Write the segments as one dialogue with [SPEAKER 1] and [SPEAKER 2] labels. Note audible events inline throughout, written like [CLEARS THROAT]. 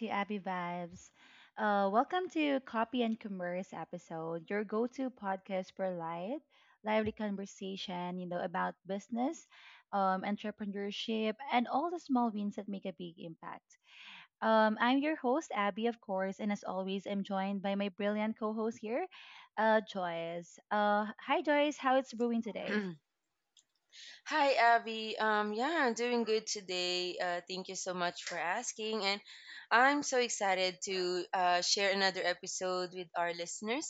[SPEAKER 1] to Abby Vibes. Welcome to Copy and Commerce episode, your go-to podcast for light, lively conversation, about business, entrepreneurship, and all the small wins that make a big impact. I'm your host, Abby, of course, and as always, I'm joined by my brilliant co-host here, Joyce. Hi Joyce, how it's brewing today?
[SPEAKER 2] [CLEARS THROAT] Hi, Abby. Yeah, I'm doing good today. Thank you so much for asking, and I'm so excited to share another episode with our listeners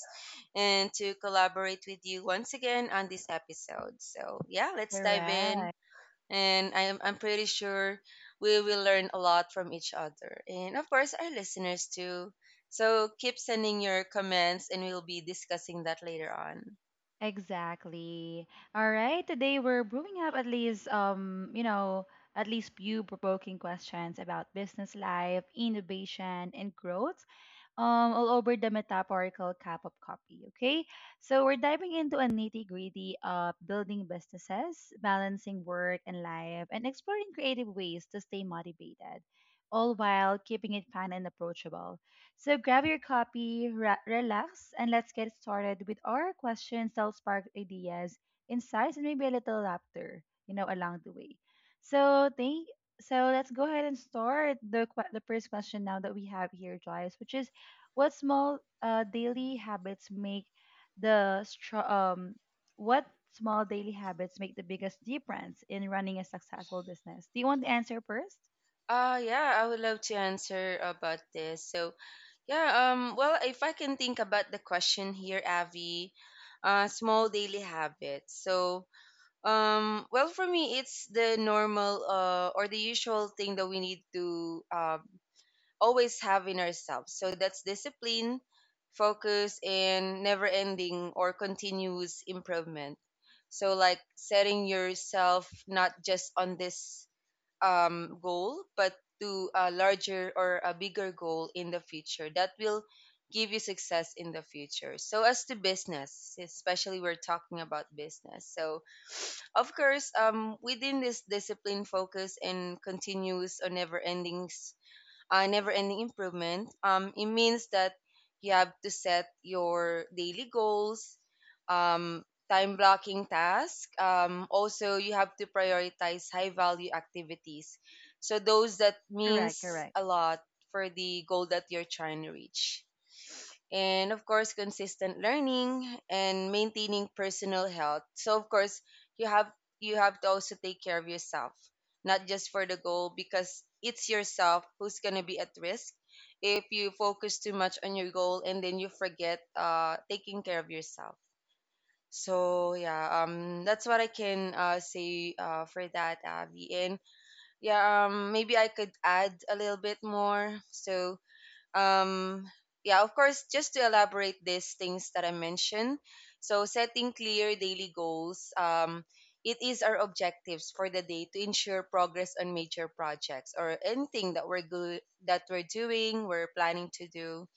[SPEAKER 2] and to collaborate with you once again on this episode. So yeah, let's dive in,
[SPEAKER 1] Correct.
[SPEAKER 2] and I'm pretty sure we will learn a lot from each other, and of course our listeners too. So keep sending your comments, and we'll be discussing that later on.
[SPEAKER 1] Exactly. All right. Today we're brewing up at least few provoking questions about business life, innovation, and growth all over the metaphorical cup of coffee. Okay, so we're diving into a nitty gritty of building businesses, balancing work and life, and exploring creative ways to stay motivated, all while keeping it fun and approachable. So grab your copy, relax, and let's get started with our questions that'll spark ideas, insights, and maybe a little laughter, along the way. So thank so let's go ahead and start the first question now that we have here, Joyce, which is, what small daily habits make the str- what small daily habits make the biggest difference in running a successful business? Do you want the answer first?
[SPEAKER 2] Yeah, I would love to answer about this. So, yeah, well, if I can think about the question here, Avi, small daily habits. So, well, for me it's the normal or the usual thing that we need to always have in ourselves. So that's discipline, focus, and never-ending or continuous improvement. So like setting yourself not just on this goal, but to a larger or a bigger goal in the future that will give you success in the future. So, as to business, especially we're talking about business. So, of course, within this discipline, focus, and continuous or never ending improvement, it means that you have to set your daily goals, um, time blocking tasks. Also, you have to prioritize high value activities. So, those that
[SPEAKER 1] Correct,
[SPEAKER 2] means
[SPEAKER 1] correct,
[SPEAKER 2] a lot for the goal that you're trying to reach, and of course consistent learning and maintaining personal health. So of course you have you have to also take care of yourself, not just for the goal, because it's yourself who's going to be at risk if you focus too much on your goal and then you forget taking care of yourself. So yeah, that's what I can say, for that, Avi. And yeah, maybe I could add a little bit more. So, um yeah, of course, just to elaborate these things that I mentioned. So setting clear daily goals, it is our objectives for the day to ensure progress on major projects or anything that we're good that we're doing, we're planning to do.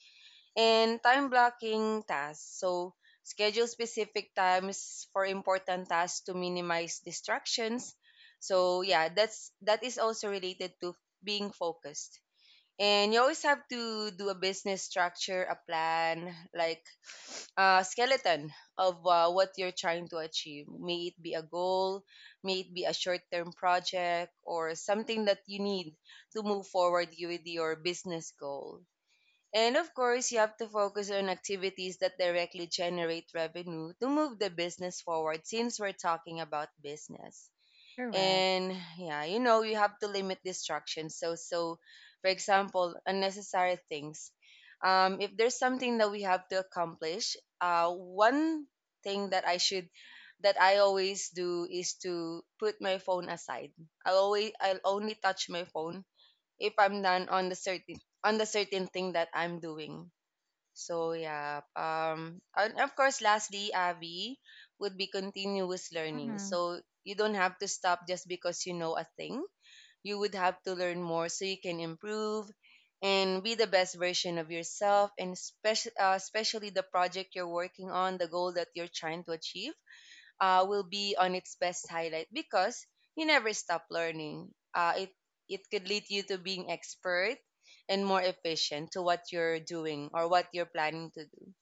[SPEAKER 2] And time blocking tasks, so schedule specific times for important tasks to minimize distractions. So yeah, that is also related to being focused. And you always have to do a business structure, a plan, like a skeleton of what you're trying to achieve. May it be a goal, may it be a short term project, or something that you need to move forward with your business goal. And of course, you have to focus on activities that directly generate revenue to move the business forward, since we're talking about business.
[SPEAKER 1] correct.
[SPEAKER 2] And yeah, you have to limit distractions. So, for example, unnecessary things. If there's something that we have to accomplish, one thing that I always do is to put my phone aside. I'll only touch my phone if I'm done on the certain thing that I'm doing. So yeah, and of course, lastly, Abby, would be continuous learning.
[SPEAKER 1] Mm-hmm.
[SPEAKER 2] So you don't have to stop just because you know a thing. You would have to learn more so you can improve and be the best version of yourself, and especially the project you're working on, the goal that you're trying to achieve will be on its best highlight because you never stop learning. It could lead you to being expert and more efficient to what you're doing or what you're planning to do.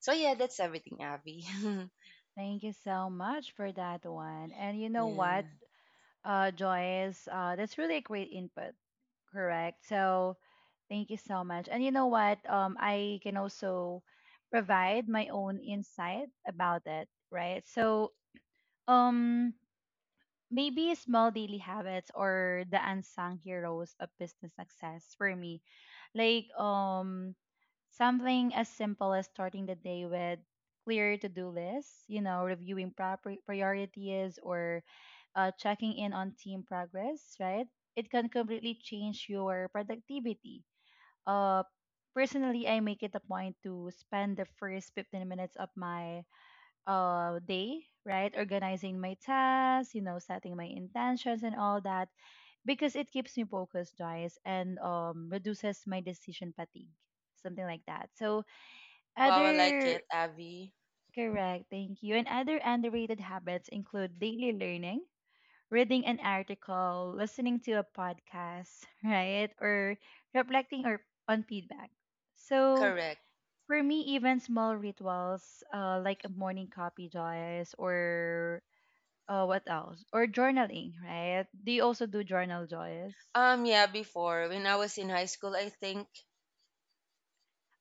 [SPEAKER 2] So yeah, that's everything, Avi. [LAUGHS]
[SPEAKER 1] Thank you so much for that one. And you know what,
[SPEAKER 2] Yeah.
[SPEAKER 1] Joyce, that's really a great input. Correct. So thank you so much. And you know what, I can also provide my own insight about it, right? So um, maybe small daily habits or the unsung heroes of business success for me. Like something as simple as starting the day with clear to-do lists, you know, reviewing proper priorities or checking in on team progress, right? It can completely change your productivity. Uh personally, I make it a point to spend the first 15 minutes of my day, right, organizing my tasks, you know, setting my intentions and all that, because it keeps me focused, guys, and reduces my decision fatigue, something like that. So
[SPEAKER 2] Wow, I like
[SPEAKER 1] other
[SPEAKER 2] it, Avi.
[SPEAKER 1] Correct, thank you, and other underrated habits include daily learning, reading an article, listening to a podcast, [LAUGHS] right, or reflecting or on feedback. So
[SPEAKER 2] Correct.
[SPEAKER 1] for me, even small rituals like a morning coffee, Joyce, or what else? Or journaling, right? Do you also do journal, Joyce?
[SPEAKER 2] Yeah, before when I was in high school, I think.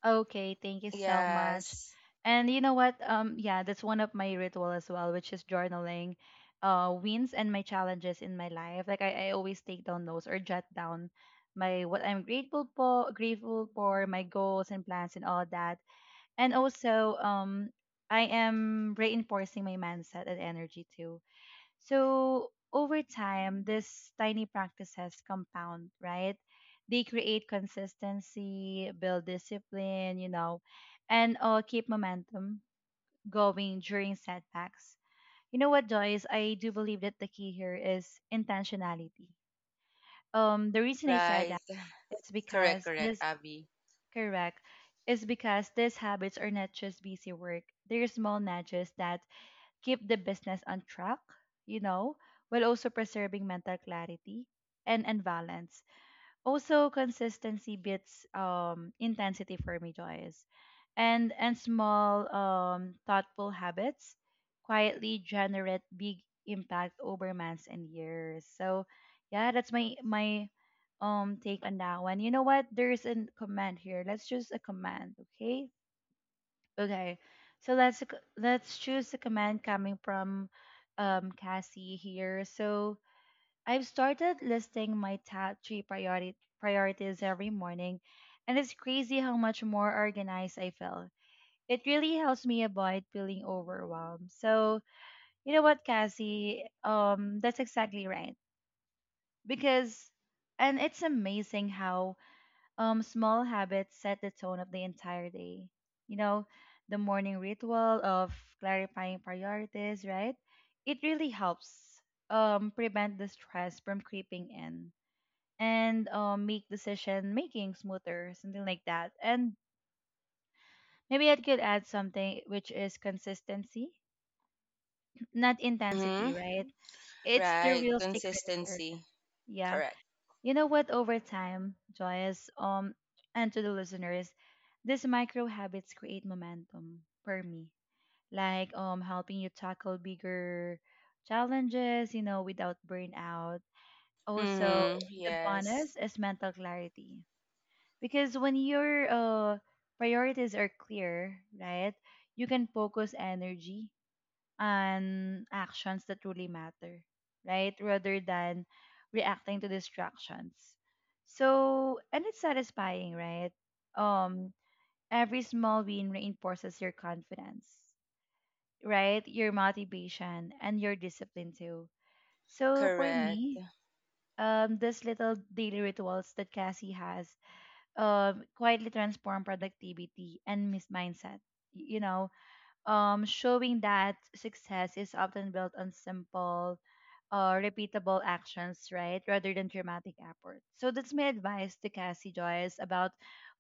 [SPEAKER 1] Okay, thank you so much.
[SPEAKER 2] Yes,
[SPEAKER 1] And you know what? Yeah, that's one of my ritual as well, which is journaling, wins and my challenges in my life. Like I always take down those or jot down my what I'm grateful for, grateful for my goals and plans and all that. And also, I am reinforcing my mindset and energy too. So over time, these tiny practices compound, right? They create consistency, build discipline, you know, and keep momentum going during setbacks. You know what, Joyce? I do believe that the key here is intentionality. The reason I said
[SPEAKER 2] right,
[SPEAKER 1] that is
[SPEAKER 2] correct,
[SPEAKER 1] because
[SPEAKER 2] correct,
[SPEAKER 1] this
[SPEAKER 2] Abby.
[SPEAKER 1] correct, is because these habits are not just busy work. They're small nudges that keep the business on track, you know, while also preserving mental clarity and, balance. Also, consistency beats intensity for me, Joyce. And, small, thoughtful habits quietly generate big impact over months and years. So, yeah, that's my, take on that one. You know what? There's a comment here. Let's choose a comment, okay? Okay, so let's choose the command coming from Cassie here. So I've started listing my top three priority priorities every morning, and it's crazy how much more organized I feel. It really helps me avoid feeling overwhelmed. So you know what, Cassie? That's exactly right. Because, and it's amazing how small habits set the tone of the entire day. You know, the morning ritual of clarifying priorities, right? It really helps prevent the stress from creeping in and make decision making smoother, something like that. And maybe I could add something, which is consistency, not
[SPEAKER 2] Mm-hmm.
[SPEAKER 1] intensity, right? It's the
[SPEAKER 2] Right,
[SPEAKER 1] real secret here.
[SPEAKER 2] consistency,
[SPEAKER 1] Yeah.
[SPEAKER 2] correct.
[SPEAKER 1] You know what? Over time, Joyce, and to the listeners, these micro habits create momentum for me. Like helping you tackle bigger challenges, you know, without burnout. Also,
[SPEAKER 2] Mm-hmm.
[SPEAKER 1] the
[SPEAKER 2] Yes,
[SPEAKER 1] bonus is mental clarity, because when your priorities are clear, right, you can focus energy and actions that truly matter, right? Rather than reacting to distractions. So, and it's satisfying, right? Um, every small win reinforces your confidence, right? Your motivation and your discipline too. So for
[SPEAKER 2] correct.
[SPEAKER 1] me, this little daily rituals that Cassie has quietly transform productivity and mis mindset. You know, showing that success is often built on simple, repeatable actions, right, rather than dramatic efforts. So that's my advice to Cassie, Joyce, about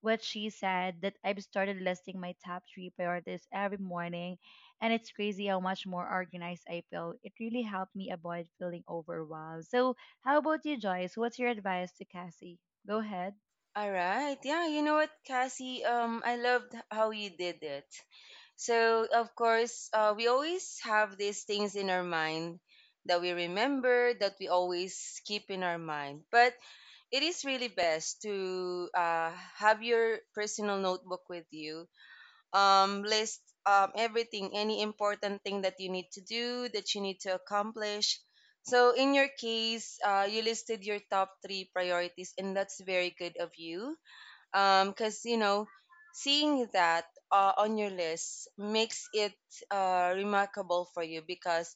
[SPEAKER 1] what she said, that I've started listing my top three priorities every morning, and it's crazy how much more organized I feel. It really helped me avoid feeling overwhelmed. So how about you, Joyce? What's your advice to Cassie? Go ahead.
[SPEAKER 2] All right. Yeah, you know what, Cassie? I loved how you did it. So, of course, we always have these things in our mind that we remember, that we always keep in our mind. But it is really best to have your personal notebook with you. List everything, any important thing that you need to do, that you need to accomplish. So, in your case, you listed your top three priorities, and that's very good of you, because seeing that on your list makes it remarkable for you, because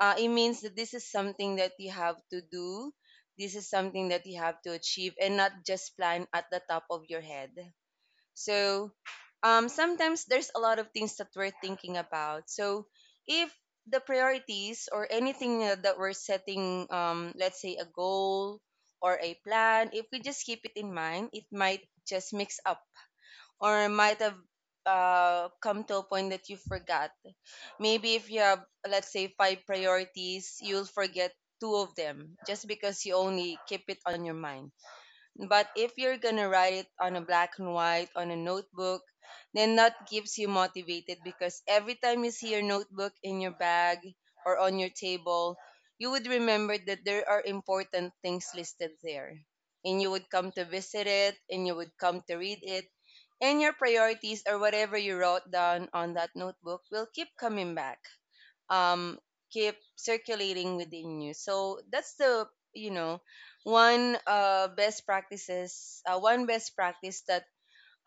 [SPEAKER 2] it means that this is something that you have to do. This is something that you have to achieve and not just plan at the top of your head. So, sometimes there's a lot of things that we're thinking about. So if the priorities or anything that we're setting, let's say a goal or a plan, if we just keep it in mind, it might just mix up or might have come to a point that you forgot. Maybe if you have, let's say, five priorities, you'll forget two of them just because you only keep it on your mind. But if you're gonna write it on a black and white on a notebook, then that keeps you motivated, because every time you see your notebook in your bag or on your table, you would remember that there are important things listed there. And you would come to visit it, and you would come to read it. And your priorities or whatever you wrote down on that notebook will keep coming back, um, keep circulating within you. So that's the you know one best practice that,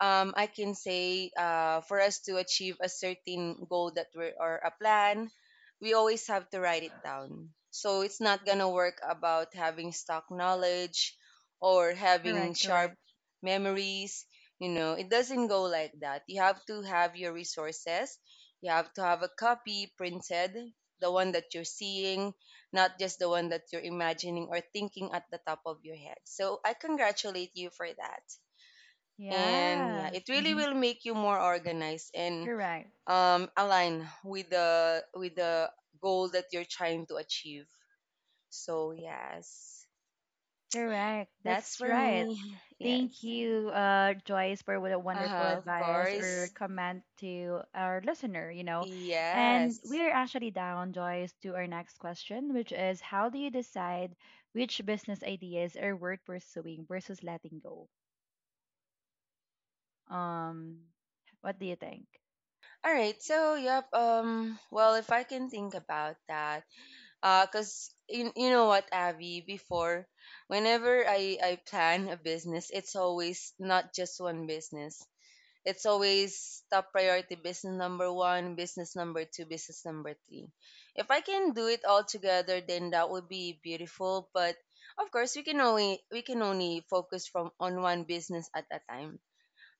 [SPEAKER 2] I can say, for us to achieve a certain goal that we're or a plan. We always have to write it down. So it's not gonna work about having stock knowledge or having
[SPEAKER 1] Correct,
[SPEAKER 2] sharp
[SPEAKER 1] correct.
[SPEAKER 2] memories. You know, it doesn't go like that. You have to have your resources. You have to have a copy printed, the one that you're seeing, not just the one that you're imagining or thinking at the top of your head. So I congratulate you for that, and yeah,
[SPEAKER 1] Yeah.
[SPEAKER 2] it really
[SPEAKER 1] Mm-hmm.
[SPEAKER 2] will make you more organized and
[SPEAKER 1] Correct.
[SPEAKER 2] align with the goal that you're trying to achieve. So yes,
[SPEAKER 1] Correct.
[SPEAKER 2] that's
[SPEAKER 1] That's
[SPEAKER 2] for
[SPEAKER 1] right.
[SPEAKER 2] me. [LAUGHS] Yes,
[SPEAKER 1] Thank you, Joyce, for what a wonderful
[SPEAKER 2] uh-huh, of
[SPEAKER 1] advice or
[SPEAKER 2] course,
[SPEAKER 1] comment to our listener, you know. And
[SPEAKER 2] yes,
[SPEAKER 1] we're actually down, Joyce, to our next question, which is how do you decide which business ideas are worth pursuing versus letting go? Um, what do you think?
[SPEAKER 2] all right. So yep, well, if I can think about that, because you know what, Abby. Before, whenever I plan a business, it's always not just one business. It's always top priority, business number one, business number two, business number three. If I can do it all together, then that would be beautiful. But of course, we can only focus from on one business at a time,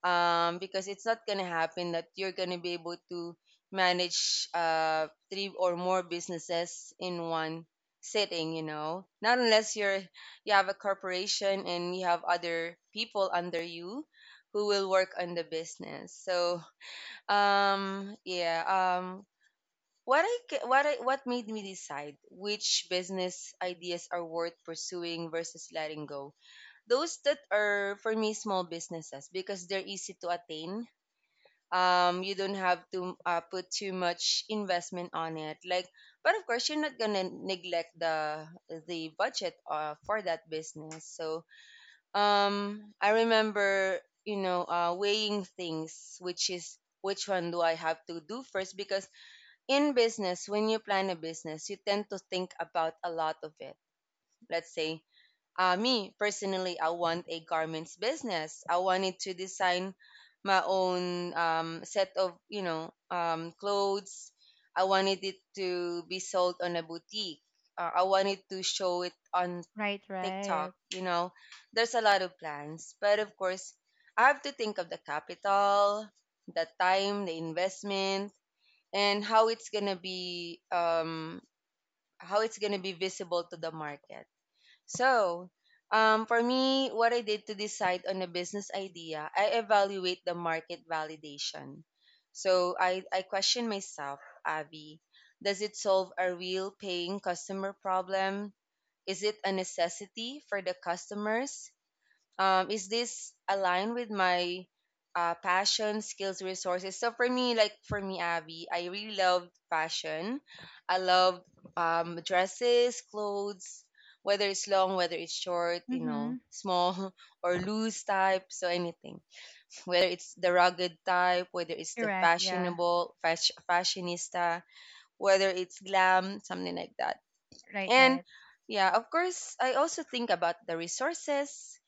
[SPEAKER 2] because it's not gonna happen that you're gonna be able to manage three or more businesses in one sitting, not unless you have a corporation and you have other people under you who will work on the business. So yeah, what I ca- what I, what made me decide which business ideas are worth pursuing versus letting go? Those that are for me small businesses because they're easy to attain, you don't have to put too much investment on it, like, but of course you're not gonna neglect the budget, for that business. So, I remember, weighing things, which one do I have to do first. Because in business, when you plan a business, you tend to think about a lot of it. Let's say, me personally, I want a garments business. I wanted to design my own, set of clothes. I wanted it to be sold on a boutique. I wanted to show it on
[SPEAKER 1] Right,
[SPEAKER 2] TikTok.
[SPEAKER 1] right.
[SPEAKER 2] You know, there's a lot of plans, but of course, I have to think of the capital, the time, the investment, and how it's gonna be visible to the market. So, for me, what I did to decide on a business idea, I evaluate the market validation. So I question myself, Avi, does it solve a real paying customer problem? Is it a necessity for the customers? Is this aligned with my passion, skills, resources? So for me, Abby, I really love fashion. I love, dresses, clothes, whether it's long, whether it's short,
[SPEAKER 1] Mm-hmm.
[SPEAKER 2] small [LAUGHS] or loose type, so anything. Whether it's the rugged type, whether it's the
[SPEAKER 1] Correct, yeah.
[SPEAKER 2] fashionable, fashionista, whether it's glam, something like that.
[SPEAKER 1] Right,
[SPEAKER 2] And
[SPEAKER 1] right.
[SPEAKER 2] yeah, of course, I also think about the resources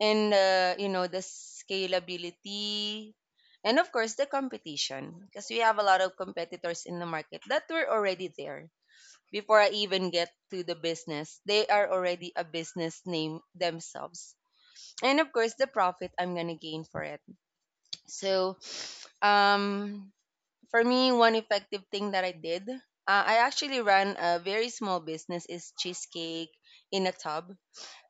[SPEAKER 2] and the scalability, and of course the competition, because we have a lot of competitors in the market that were already there before I even get to the business. They are already a business name themselves. And of course the profit I'm gonna gain for it. So um for me, one effective thing that I did, I actually ran a very small business, is cheesecake in a tub.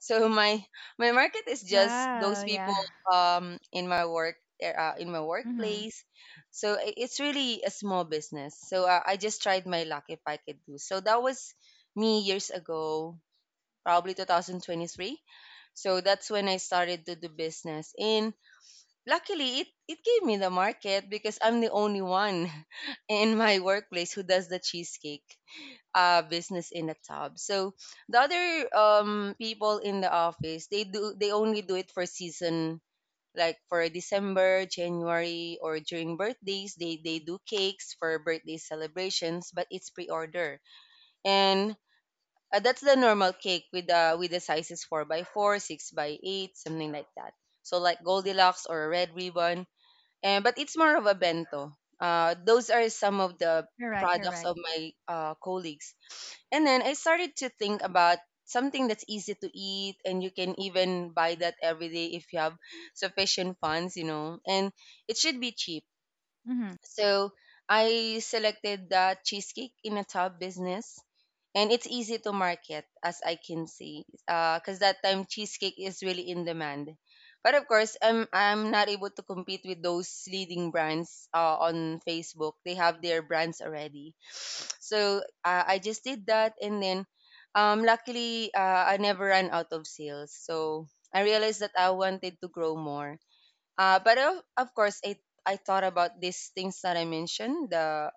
[SPEAKER 2] So my market is just those
[SPEAKER 1] Wow,
[SPEAKER 2] people
[SPEAKER 1] yeah. [LAUGHS]
[SPEAKER 2] in my work, in my
[SPEAKER 1] Mm-hmm.
[SPEAKER 2] workplace. So it's really a small business. So I just tried my luck if I could do. So that was me years ago, probably 2023. So that's when I started to do business, and luckily it gave me the market, because I'm the only one [LAUGHS] in my workplace who does the cheesecake business in a tub. So the other people in the office, they only do it for season, like for December, January, or during birthdays. They do cakes for birthday celebrations, but it's pre-order and. That's the normal cake with the sizes 4 by 4 6 by 8, something like that. So like Goldilocks or a Red Ribbon. But it's more of a bento. Those are some of the
[SPEAKER 1] Correct,
[SPEAKER 2] products
[SPEAKER 1] correct.
[SPEAKER 2] of my colleagues. And then I started to think about something that's easy to eat and you can even buy that every day if you have sufficient funds, you know, and it should be cheap.
[SPEAKER 1] Mm-hmm.
[SPEAKER 2] So I selected that cheesecake in a top business, and it's easy to market, as I can see, because that time cheesecake is really in demand. But of course, I'm not able to compete with those leading brands on Facebook. They have their brands already. [SNIFFS] So I just did that. And then luckily I never ran out of sales, so I realized that I wanted to grow more, but of course I thought about these things that I mentioned, the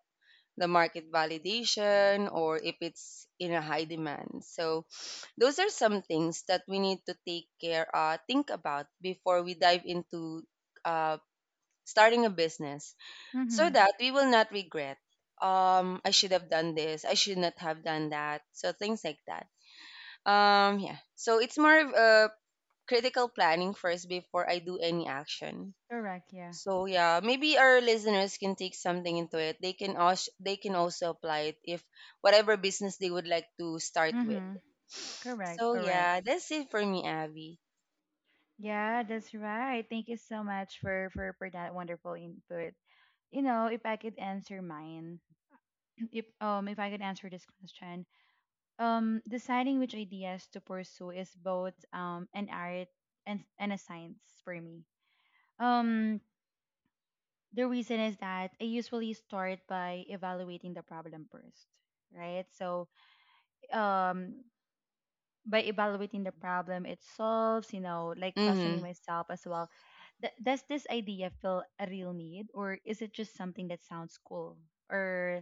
[SPEAKER 2] the market validation, or if it's in a high demand. So those are some things that we need to take care, think about, before we dive into uh, starting a business, so
[SPEAKER 1] Mm-hmm.
[SPEAKER 2] that we will not regret, I should have done this, I should not have done that, so things like that. Yeah, so it's more of a critical planning first before I do any action.
[SPEAKER 1] Correct, yeah.
[SPEAKER 2] So yeah, maybe our listeners can take something into it. They can also apply it if whatever business they would like to start with.
[SPEAKER 1] Mm-hmm. Correct,
[SPEAKER 2] So
[SPEAKER 1] correct.
[SPEAKER 2] yeah, that's it for me, Abby.
[SPEAKER 1] Yeah, that's right. Thank you so much for that wonderful input. You know, if I could answer mine, [CLEARS THROAT] if I could answer this question, deciding which ideas to pursue is both an art and a science for me. Um the reason is that I usually start by evaluating the problem first, right? So, um by evaluating the problem it solves, you know, like questioning
[SPEAKER 2] Mhm.
[SPEAKER 1] myself as well. Does this idea feel a real need, or is it just something that sounds cool? Or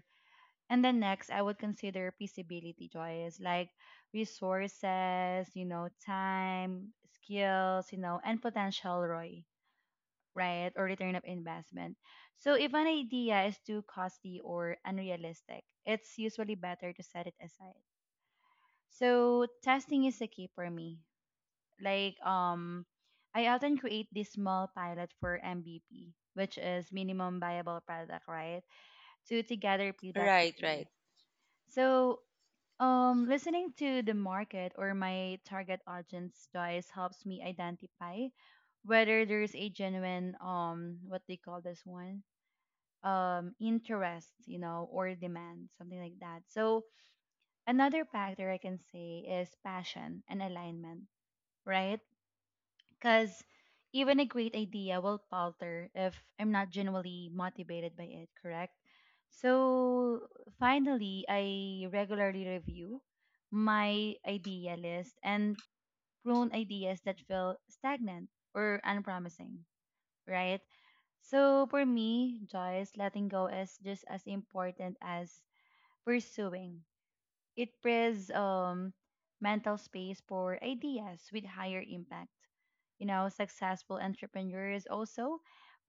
[SPEAKER 1] and then next I would consider feasibility, choice, like resources, you know, time, skills, you know, and potential ROI, right? Or return of investment. So if an idea is too costly or unrealistic, it's usually better to set it aside. So testing is the key for me, like I often create this small pilot for MVP, which is minimum viable product, right? To gather feedback
[SPEAKER 2] Right,
[SPEAKER 1] quickly.
[SPEAKER 2] right.
[SPEAKER 1] So listening to the market or my target audience, choice, helps me identify whether there's a genuine what they call this one interest, you know, or demand, something like that. So another factor I can say is passion and alignment, right? Because even a great idea will falter if I'm not genuinely motivated by it, correct? So finally, I regularly review my idea list and prune ideas that feel stagnant or unpromising, right? So for me, Joyce, letting go is just as important as pursuing. It prepares mental space for ideas with higher impact. You know, successful entrepreneurs also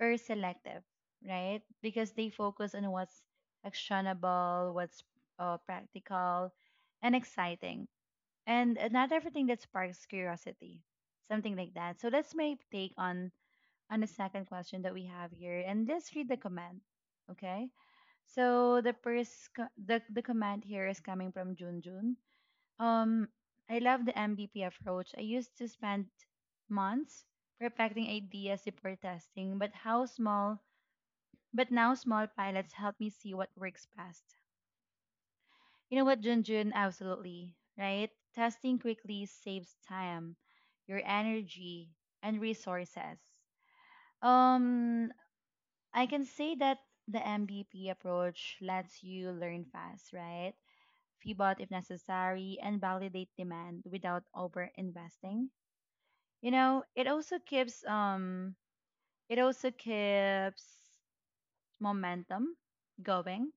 [SPEAKER 1] are selective, right? Because they focus on what's actionable, what's practical, and exciting, and not everything that sparks curiosity, something like that. So that's my take on the second question that we have here, and just read the comment. Okay. So the first co- the comment here is coming from Junjun. Um, I love the MVP approach. I used to spend months perfecting ideas before testing, but how small but now small pilots help me see what works best. You know what, Junjun? Absolutely, right? Testing quickly saves time, your energy, and resources. Um, I can say that the MVP approach lets you learn fast, right? Pivot if necessary and validate demand without over investing. You know, it also keeps, it also keeps momentum going,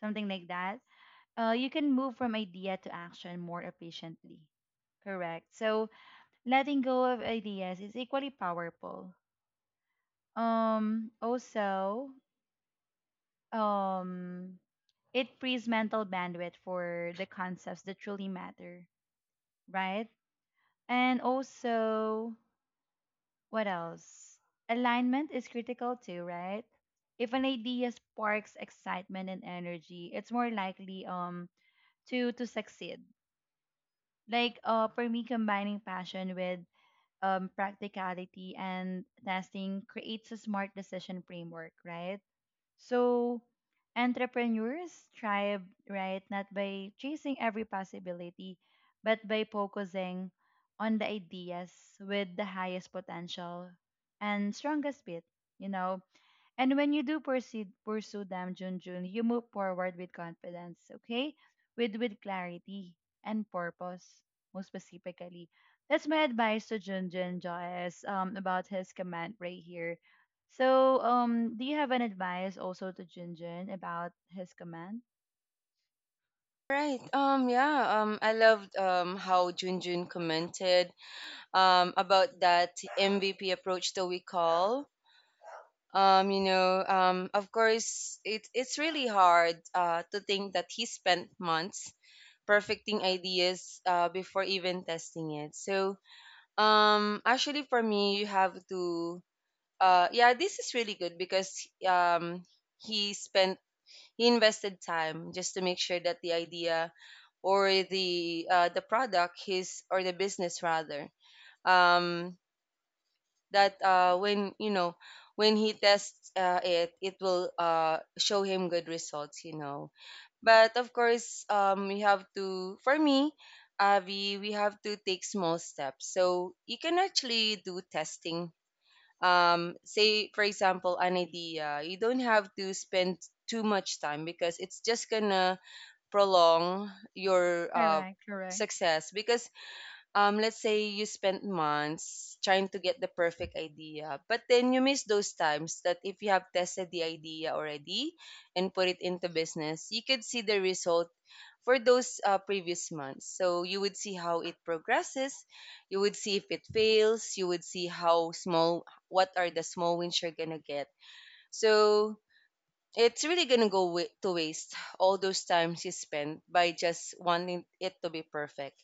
[SPEAKER 1] something like that. You can move from idea to action more efficiently. Correct. So letting go of ideas is equally powerful. Also, um it frees mental bandwidth for the concepts that truly matter, right? And also, what else? Alignment is critical too, right? If an idea sparks excitement and energy, it's more likely to succeed. Like for me, combining passion with practicality and testing creates a smart decision framework, right? So entrepreneurs thrive, right, not by chasing every possibility, but by focusing on the ideas with the highest potential and strongest bit. You know, and when you do pursue them, Junjun, you move forward with confidence, okay? With clarity and purpose, most specifically. That's my advice to Junjun, Joyce, about his comment right here. So do you have an advice also to Junjun about his comment?
[SPEAKER 2] Right. Yeah. I loved how Junjun commented about that MVP approach that we call. Of course, it's really hard to think that he spent months perfecting ideas before even testing it. So, actually, for me, you have to, yeah, this is really good because he spent he invested time just to make sure that the idea, or the the product, his, or the business rather, um that when you know when he tests it, it will show him good results. You know, but of course, we have to. For me, we have to take small steps. So you can actually do testing. Say, for example, an idea. You don't have to spend too much time because it's just gonna prolong your
[SPEAKER 1] Correct, correct,
[SPEAKER 2] success, because let's say you spent months trying to get the perfect idea, but then you miss those times that if you have tested the idea already and put it into business, you could see the result for those previous months. So you would see how it progresses, you would see if it fails, you would see how small, what are the small wins you're gonna get. So it's really gonna go to waste all those times you spent by just wanting it to be perfect.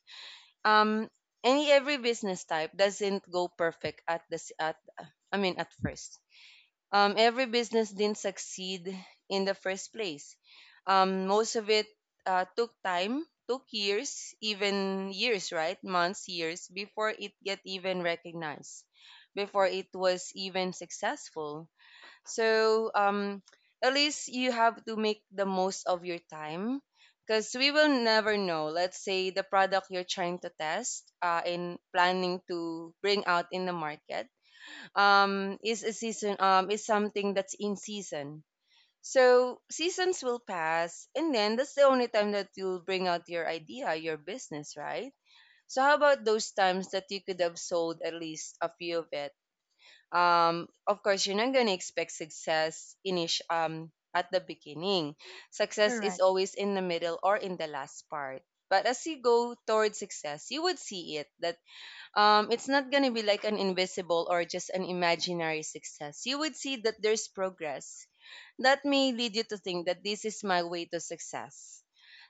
[SPEAKER 2] Um any Every business type doesn't go perfect at this at I mean at first. Every business didn't succeed in the first place. Most of it, took time, took years, even years, right? Months, years before it get even recognized, before it was even successful. So at least you have to make the most of your time because we will never know. Let's say the product you're trying to test in planning to bring out in the market, is a season, is something that's in season. So seasons will pass, and then that's the only time that you'll bring out your idea, your business, right? So how about those times that you could have sold at least a few of it? Of course, you're not going to expect success at the beginning. Success is
[SPEAKER 1] correct.
[SPEAKER 2] always in the middle or in the last part. But as you go towards success, you would see it that it's not going to be like an invisible or just an imaginary success. You would see that there's progress, that may lead you to think that this is my way to success.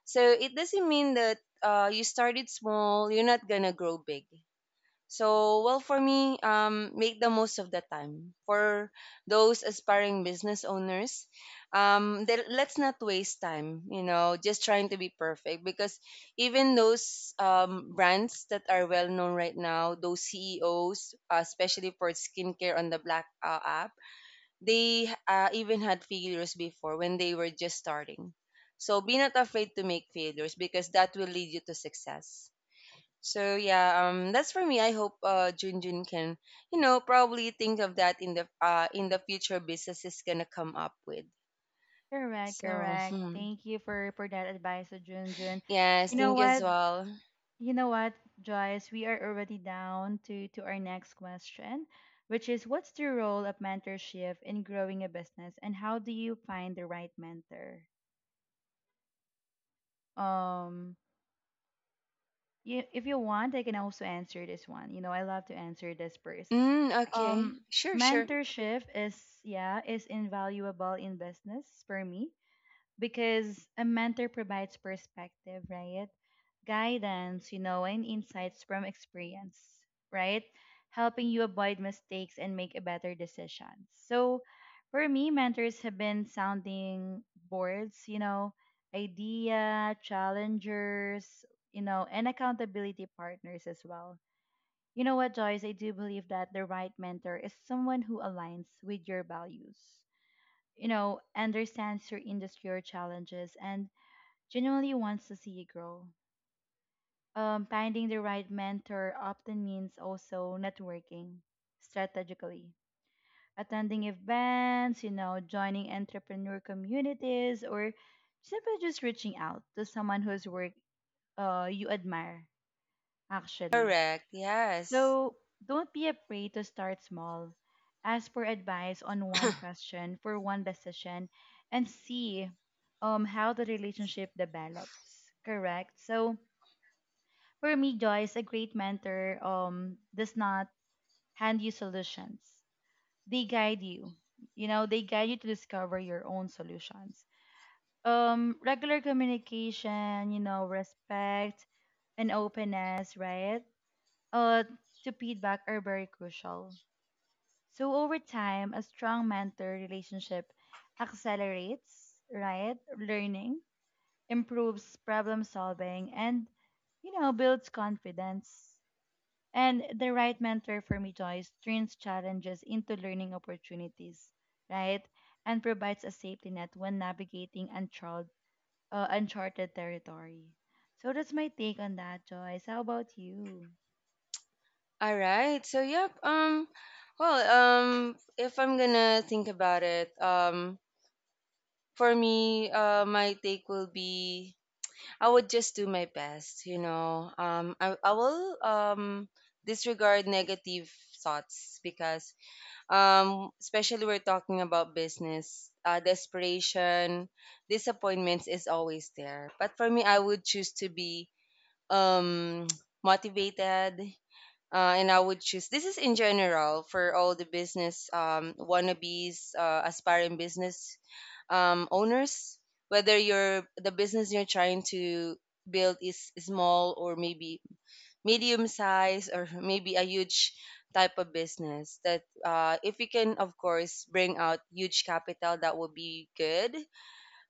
[SPEAKER 2] So it doesn't mean that you started small, you're not going to grow big. So, well, for me, make the most of the time. For those aspiring business owners, then let's not waste time, just trying to be perfect, because even those brands that are well known right now, those CEOs, especially for skincare on the Black app, they even had failures before when they were just starting. So, be not afraid to make failures because that will lead you to success. So yeah, that's for me. I hope Junjun can, you know, probably think of that in the in the future business is gonna come up with.
[SPEAKER 1] Correct,
[SPEAKER 2] So
[SPEAKER 1] correct.
[SPEAKER 2] hmm.
[SPEAKER 1] Thank you for that advice, Junjun.
[SPEAKER 2] Yes,
[SPEAKER 1] You know
[SPEAKER 2] think as
[SPEAKER 1] what?
[SPEAKER 2] well.
[SPEAKER 1] You know what, Joyce? We are already down to our next question, which is what's the role of mentorship in growing a business and how do you find the right mentor? Um, if you want, I can also answer this one. I love to answer this first.
[SPEAKER 2] Mm,
[SPEAKER 1] Um,
[SPEAKER 2] okay, sure, sure,
[SPEAKER 1] Mentorship is, yeah, is invaluable in business for me because a mentor provides perspective, right? Guidance, and insights from experience, right? Helping you avoid mistakes and make a better decisions. So for me, mentors have been sounding boards, idea, challengers, and accountability partners as well. You know what, Joyce? I do believe that the right mentor is someone who aligns with your values, understands your industry or challenges and genuinely wants to see you grow. Finding the right mentor often means also networking strategically, attending events, joining entrepreneur communities, or simply just reaching out to someone whose work you admire, actually.
[SPEAKER 2] correct. Yes.
[SPEAKER 1] So don't be afraid to start small. Ask for advice on one
[SPEAKER 2] [COUGHS]
[SPEAKER 1] question, for one decision, and see how the relationship develops. Correct? So for me, Joyce, a great mentor does not hand you solutions. They guide you. They guide you to discover your own solutions. Regular communication, respect and openness, right? Uh, to feedback are very crucial. So over time, a strong mentor relationship accelerates, right, learning, improves problem solving, and builds confidence. And the right mentor for me, Joyce, turns challenges into learning opportunities, right? And provides a safety net when navigating uncharted territory. So that's my take on that, Joyce. How about you?
[SPEAKER 2] All right. So yep. Well. Um. If I'm gonna think about it. For me. My take will be. I would just do my best. I will disregard negative thoughts because, especially we're talking about business, desperation, disappointments is always there. But for me, I would choose to be um, [TSK] motivated, and I would choose, this is in general for all the business wannabes, aspiring business owners. Whether you're the business you're trying to build is small, or maybe medium size, or [LAUGHS] maybe a huge type of business that, if you can of course bring out huge capital, that would be good,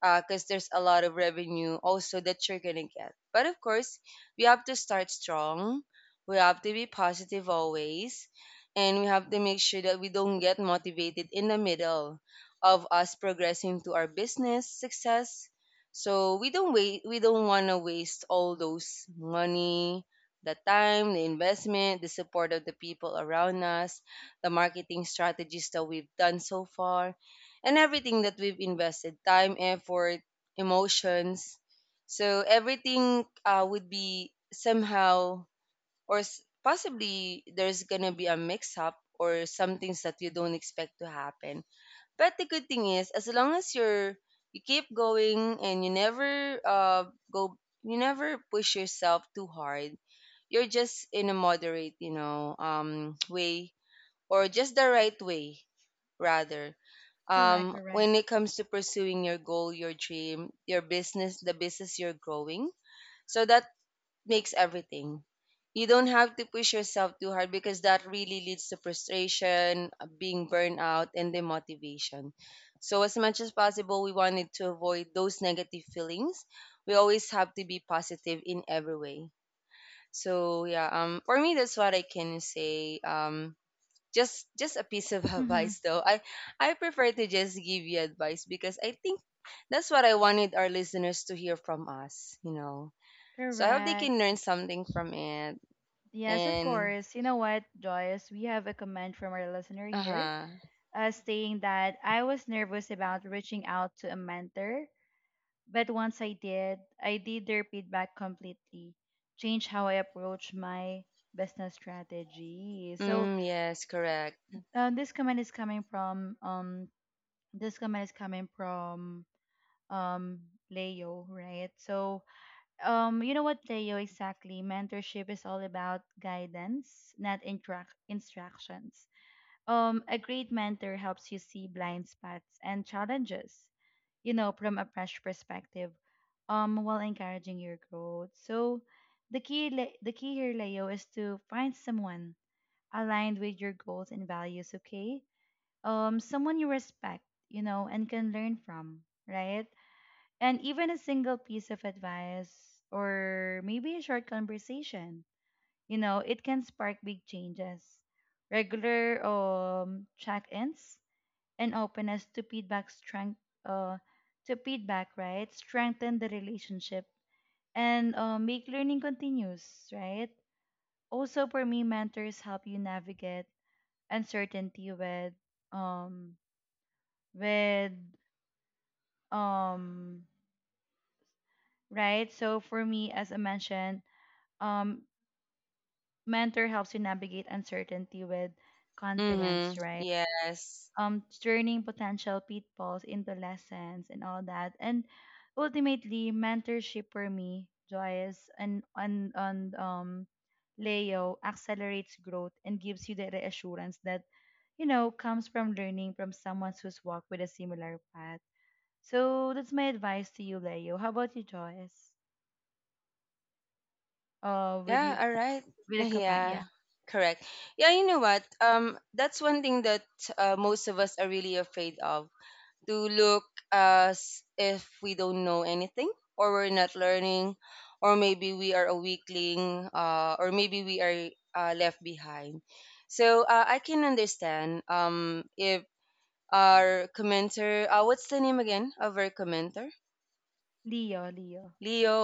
[SPEAKER 2] because there's a lot of revenue also that you're gonna get. But of course, we have to start strong. We have to be positive always, and we have to make sure that we don't get motivated in the middle of us progressing to our business success. So we don't wait. We don't want to waste all those money, the time, the investment, the support of the people around us, the marketing strategies that we've done so far, and everything that we've invested time, effort, emotions. So everything would be somehow, or possibly there's going to be a mix up, or some things that you don't expect to happen. But the good thing is, as long as you keep going and go you never push yourself too hard, you're just in a moderate, way, or just the right way rather,
[SPEAKER 1] Correct, correct.
[SPEAKER 2] when it comes to pursuing your goal, your dream, your business, the business you're growing, so that makes everything. You don't have to push yourself too hard, because that really leads to frustration, being burned out, and demotivation. So as much as possible, we wanted to avoid those negative feelings. We always have to be positive in every way. So yeah, for me, that's what I can say. Just a piece of [LAUGHS]
[SPEAKER 1] Mm-hmm.
[SPEAKER 2] advice, though. I prefer to just give you advice because I think that's what I wanted our listeners to hear from us, you know. So I hope they
[SPEAKER 1] Correct.
[SPEAKER 2] can learn something from it.
[SPEAKER 1] Yes, of
[SPEAKER 2] And
[SPEAKER 1] course. You know what, Joyce? We have a comment from our listener here
[SPEAKER 2] uh-huh.
[SPEAKER 1] stating that I was nervous about reaching out to a mentor, but once I did their feedback completely, change how I approach my business strategy. So
[SPEAKER 2] Mm, yes, correct.
[SPEAKER 1] um, this comment is coming from um this comment is coming from um Leo, right? So you know what, Leo, exactly, mentorship is all about guidance, not instructions. A great mentor helps you see blind spots and challenges, from a fresh perspective, while encouraging your growth. So, the key here, Leo, is to find someone aligned with your goals and values. Okay, someone you respect, and can learn from, right? And even a single piece of advice or maybe a short conversation, it can spark big changes. Regular check-ins and openness to feedback uh, strengthen the relationship and make learning continuous, right. Also for me, mentors help you navigate uncertainty um with um right. So for me, as I mentioned, um mentor helps you navigate uncertainty with
[SPEAKER 2] Mm-hmm.
[SPEAKER 1] confidence, right,
[SPEAKER 2] Yes,
[SPEAKER 1] turning potential pitfalls into lessons and all that. And ultimately, mentorship for me, Joyce, and on Leo accelerates growth and gives you the reassurance that comes from learning from someone who's walked with a similar path. So that's my advice to you, Leo. How about you, Joyce? With
[SPEAKER 2] yeah,
[SPEAKER 1] you,
[SPEAKER 2] all right. [LAUGHS]
[SPEAKER 1] with a comment,
[SPEAKER 2] Yeah.
[SPEAKER 1] yeah,
[SPEAKER 2] Correct. Yeah. You know what, that's one thing that most of us are really afraid of, to look as if we don't know anything or we're not learning, or maybe we are a weakling, or maybe we are left behind. So I can understand, if our commenter, what's the name again of our commenter,
[SPEAKER 1] Leo, Leo.
[SPEAKER 2] Leo.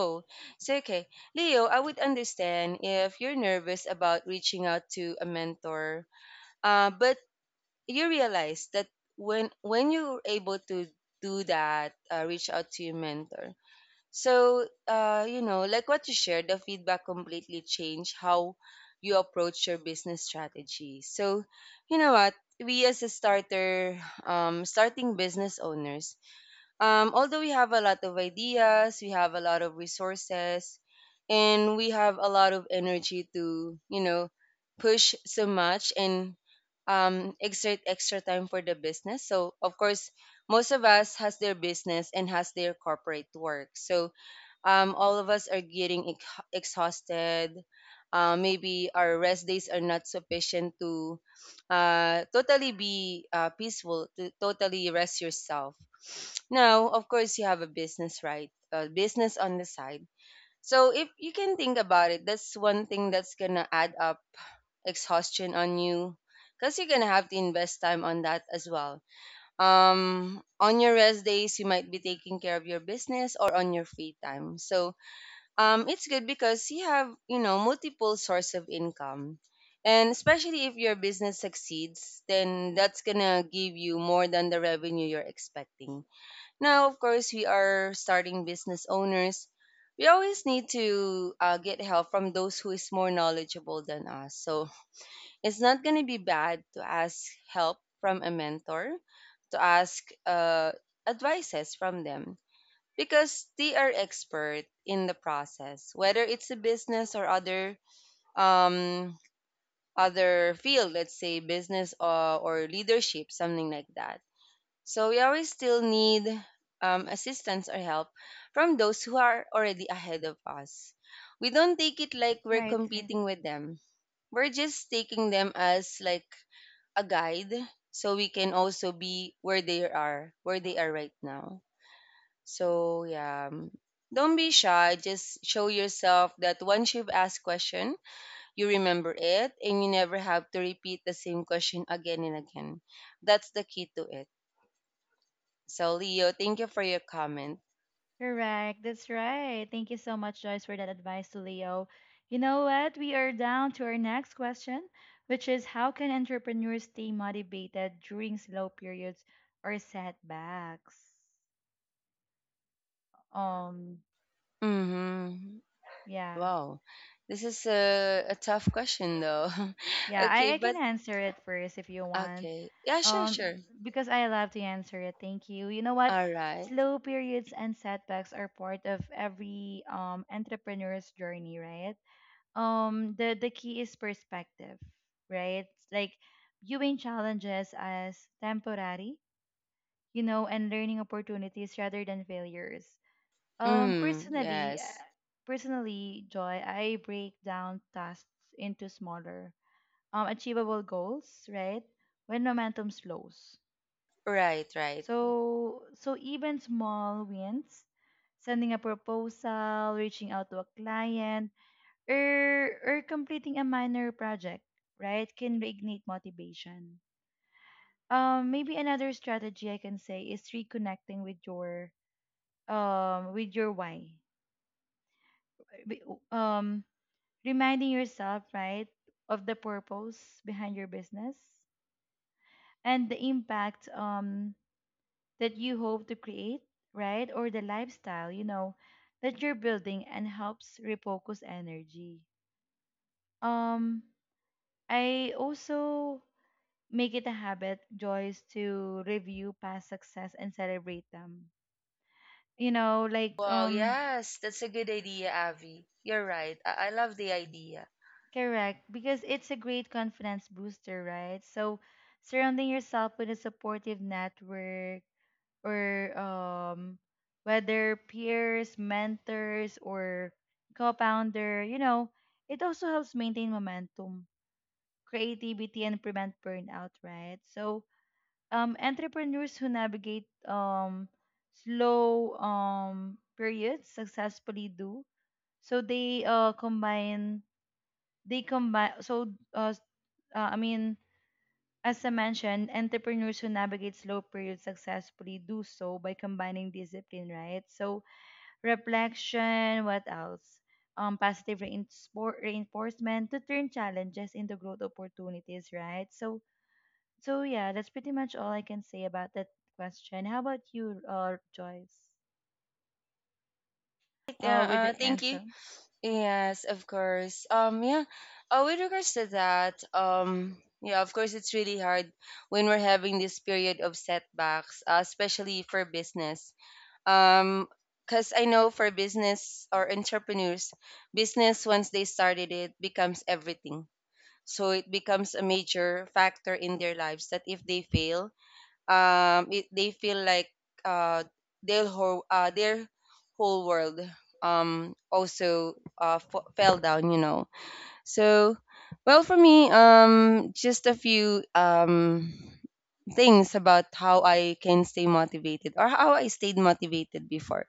[SPEAKER 2] So okay, Leo, I would understand if you're nervous about reaching out to a mentor, but you realize that when you're able to do that, reach out to your mentor. So like what you shared, the feedback completely changed how you approach your business strategy. So you know what, we as a starter, starting business owners, although we have a lot of ideas, we have a lot of resources, and we have a lot of energy to, push so much and exert extra time for the business. So, of course, most of us has their business and has their corporate work. So, all of us are getting exhausted. Maybe our rest days are not sufficient to totally be peaceful, to totally rest yourself. Now, of course, you have a business, right? A business on the side. So, if you can think about it, that's one thing that's gonna add up exhaustion on you because you're gonna have to invest time on that as well. On your rest days, you might be taking care of your business or on your free time. So, it's good because you have multiple source of income, and especially if your business succeeds, then that's gonna give you more than the revenue you're expecting. Now, of course, we are starting business owners. We always need to get help from those who is more knowledgeable than us, so it's not gonna be bad to ask help from a mentor, to ask advices from them because they are expert in the process, whether it's a business or other um other field. Let's say business or leadership, something like that. So we always still need assistance or help from those who are already ahead of us. We don't take it like we're
[SPEAKER 1] Right, right.
[SPEAKER 2] competing with them, we're just taking them as like a guide so we can also be where they are right now. So yeah, don't be shy. Just show yourself that once you've asked question, you remember it, and you never have to repeat the same question again and again. That's the key to it. So Leo, thank you for your comment.
[SPEAKER 1] Correct. That's right. Thank you so much, Joyce, for that advice to Leo. You know what? We are down to our next question, which is how can entrepreneurs stay motivated during slow periods or setbacks? Um,
[SPEAKER 2] Mm-hmm.
[SPEAKER 1] yeah.
[SPEAKER 2] Wow, this is a tough question though. [LAUGHS]
[SPEAKER 1] Yeah, I,
[SPEAKER 2] Okay,
[SPEAKER 1] I
[SPEAKER 2] but
[SPEAKER 1] can answer it first if you want.
[SPEAKER 2] okay, yeah, sure,
[SPEAKER 1] Um,
[SPEAKER 2] sure.
[SPEAKER 1] because I love to answer it. Thank you. You know what?
[SPEAKER 2] All right.
[SPEAKER 1] Slow periods and setbacks are part of every entrepreneur's journey, right? The key is perspective, right, like viewing challenges as temporary and learning opportunities rather than failures. um
[SPEAKER 2] Mm,
[SPEAKER 1] personally uh,
[SPEAKER 2] yes.
[SPEAKER 1] personally Joy, I break down tasks into smaller achievable goals right when momentum slows,
[SPEAKER 2] Right, right.
[SPEAKER 1] so even small wins, sending a proposal, reaching out to a client, or completing a minor project, right, can reignite motivation. Maybe another strategy I can say is reconnecting with your why. Wi- Um, Reminding yourself, right, of the purpose behind your business and the impact that you hope to create, right, or the lifestyle that you're building and helps refocus energy. Um, I also make it a habit, Joyce, to review past success and celebrate them. Like,
[SPEAKER 2] Wow, yes, that's a good idea, Avi. You're right. I love the idea.
[SPEAKER 1] correct, because it's a great confidence booster, right? So surrounding yourself with a supportive network or whether peers, mentors or co-founder, it also helps maintain momentum, creativity and prevent burnout, right? So entrepreneurs who navigate slow periods successfully do. So they combine, uh, s- I mean, as I mentioned, entrepreneurs who navigate slow periods successfully do so by combining discipline, right? So reflection, what else? Positive reinforcement to turn challenges into growth opportunities, right? So yeah, that's pretty much all I can say about that question. How about you, Joyce?
[SPEAKER 2] Yeah,
[SPEAKER 1] With the
[SPEAKER 2] thank you.
[SPEAKER 1] answer.
[SPEAKER 2] Yes, of course. Yeah. With regards to that, yeah, of course, it's really hard when we're having this period of setbacks, especially for business. Um, because I know for business or entrepreneurs, business, once they started, it becomes everything. So it becomes a major factor in their lives that if they fail, they feel like uh their whole world also fell down. So well, for me, just a few things about how I can stay motivated or how I stayed motivated before.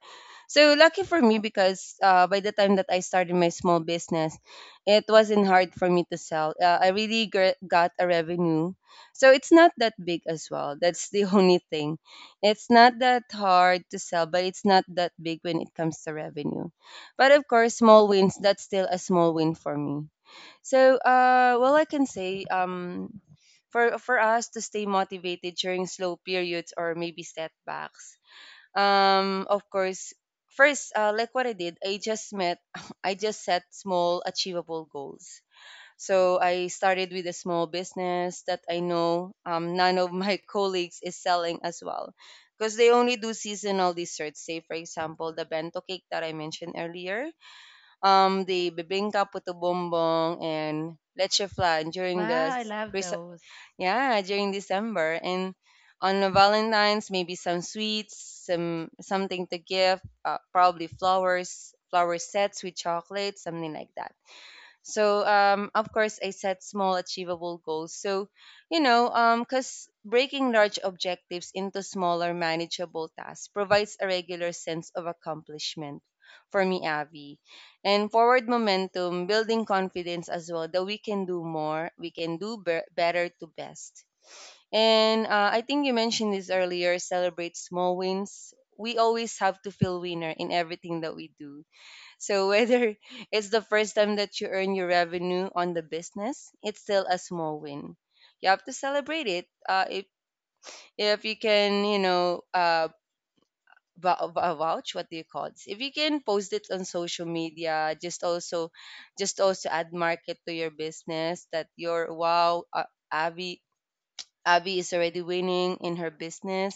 [SPEAKER 2] So, lucky for me, because by the time that I started my small business, it wasn't hard for me to sell. I really got a revenue. So it's not that big as well. That's the [LAUGHS] only thing. It's not that hard to sell, but it's not that big when it comes to revenue. But of course, small wins, that's still a small win for me. So, well, I can say, for us to stay motivated during slow periods or maybe setbacks, of course, first, like what I did, [LAUGHS] I just set small, achievable goals. So I started with a small business that I know none of my [LAUGHS] colleagues is selling as well, because they only do seasonal desserts. Say, for example, the bento cake that I mentioned earlier, the bibingka, puto bombong, and leche flan during the
[SPEAKER 1] Wow, I
[SPEAKER 2] s-
[SPEAKER 1] love
[SPEAKER 2] Chris-
[SPEAKER 1] those.
[SPEAKER 2] yeah during December, and on the Valentine's maybe some sweets, something to give, probably flowers, flower sets with chocolate, something like that. So, of course, I set small, achievable goals. So, because breaking large objectives into smaller, manageable tasks provides a regular sense of accomplishment for me, Avi. And forward momentum, building confidence as well that we can do more, we can do better to best. And I think you mentioned this earlier, celebrate small wins. We always have to feel winner in everything that we do, so whether [LAUGHS] it's the first time that you earn your revenue on the business, it's still a small win. You have to celebrate it. If you can, vouch, what do you call this? If you can post it on social media, just also add market to your business that your wow, Abby Abby is already winning in her business,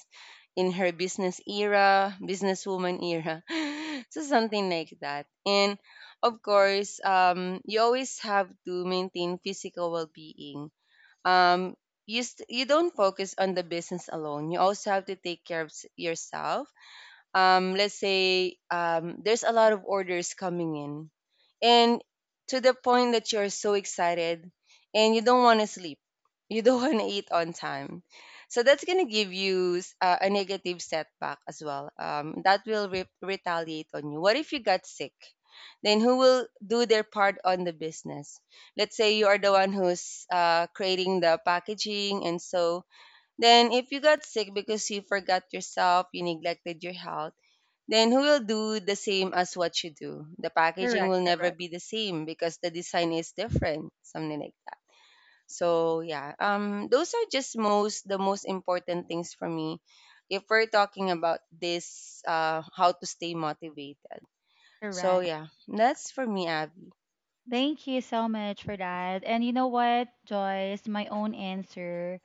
[SPEAKER 2] in her business era, businesswoman era. [LAUGHS] So something like that. And of course, you always have to maintain physical well-being. Um, you don't focus on the business alone. You also have to take care of yourself, let's say, there's a lot of orders coming in, and to the point that you're so excited and you don't want to sleep, you don't [LAUGHS] want to eat on time, so that's going to give you a negative setback as well, that will retaliate on you. What if you got sick? Then who will do their part on the business? Let's say you are the one who's creating the packaging, and so then if you got sick because you forgot yourself, you neglected your health, then who will do the same as what you do? The packaging
[SPEAKER 1] Correct,
[SPEAKER 2] will never
[SPEAKER 1] correct.
[SPEAKER 2] be the same because the design is different, something like that. So yeah, those are just most the most important things for me, if we're talking about this, how to stay motivated. So
[SPEAKER 1] Correct.
[SPEAKER 2] yeah, that's for me, Abby.
[SPEAKER 1] Thank you so much for that. And you know what, Joyce, my own answer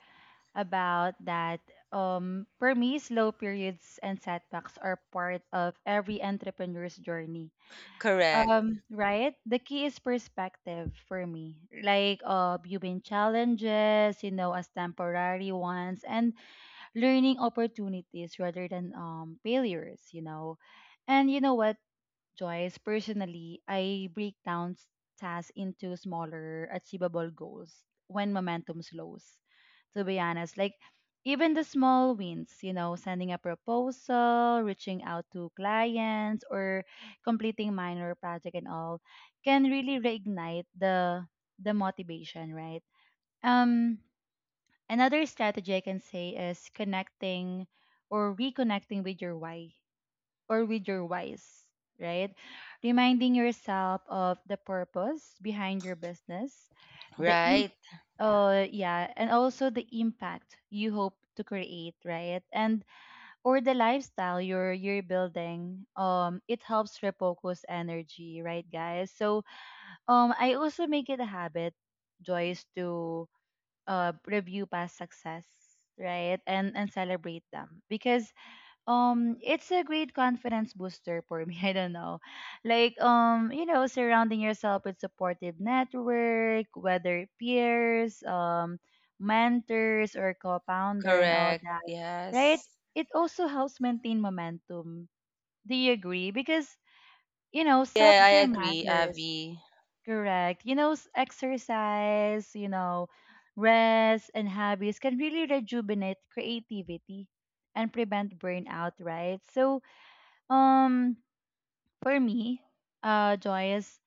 [SPEAKER 1] about that. For me, slow periods and setbacks are part of every entrepreneur's journey.
[SPEAKER 2] Correct,
[SPEAKER 1] Right? The key is perspective for me. Like viewing challenges, as temporary ones and learning opportunities rather than failures. And you know what, Joyce? Personally, I break down tasks into smaller, achievable goals when momentum slows. To be honest, like even the small wins, sending a proposal, reaching out to clients, or completing minor project and all, can really reignite the motivation, right? Um, Another strategy I can say is connecting or reconnecting with your why or with your whys, right? Reminding yourself of the purpose behind your business, the imp,
[SPEAKER 2] right?
[SPEAKER 1] yeah, and also the impact you hope to create, right, and or the lifestyle you're building, it helps refocus energy, right, guys. So, I also make it a habit, Joyce, to review past success, right, and celebrate them, because it's a great confidence booster for me. [LAUGHS] I don't know, like, surrounding yourself with supportive network, whether peers, mentors or co-founder and all
[SPEAKER 2] Correct.
[SPEAKER 1] that, right,
[SPEAKER 2] Yes.
[SPEAKER 1] it also helps maintain momentum, do you agree? Because
[SPEAKER 2] Yeah, I
[SPEAKER 1] self-care
[SPEAKER 2] agree,
[SPEAKER 1] matters,
[SPEAKER 2] Avi.
[SPEAKER 1] correct. Exercise, you know, rest and hobbies can really rejuvenate creativity and prevent burnout, right. So um, for me, Joyce,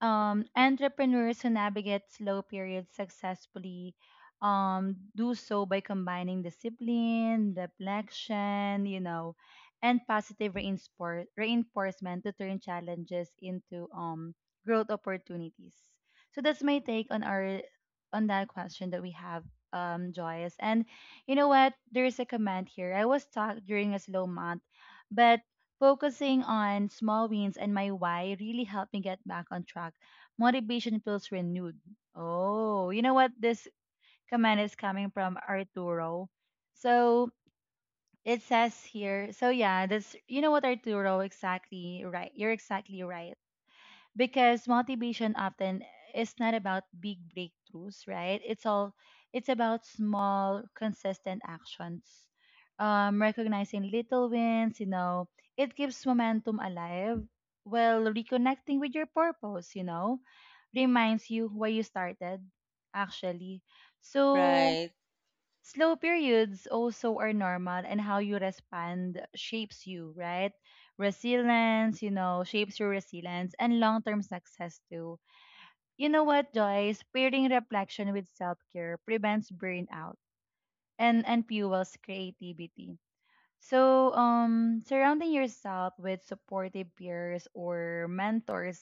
[SPEAKER 1] entrepreneurs who navigate slow periods successfully do so by combining discipline, reflection, and positive reinforcement to turn challenges into growth opportunities. So that's my take on our on that question that we have, Joyce. And you know what? There is a comment here. I was stuck during a slow month, but focusing on small wins and my why really helped me get back on track. Motivation feels renewed. Oh, you know what? This comment is coming from Arturo. So it says here, so yeah, you know what, Arturo, exactly right. You're exactly right because motivation often is not about big breakthroughs, right? It's about small, consistent actions. Recognizing little wins, it keeps momentum alive while reconnecting with your purpose, reminds you why you started actually. So
[SPEAKER 2] Right.
[SPEAKER 1] slow periods also are normal, and how you respond shapes you, right? Resilience, shapes your resilience and long term success too. You know what, Joyce? Pairing reflection with self care prevents burnout and fuels creativity. So, surrounding yourself with supportive peers or mentors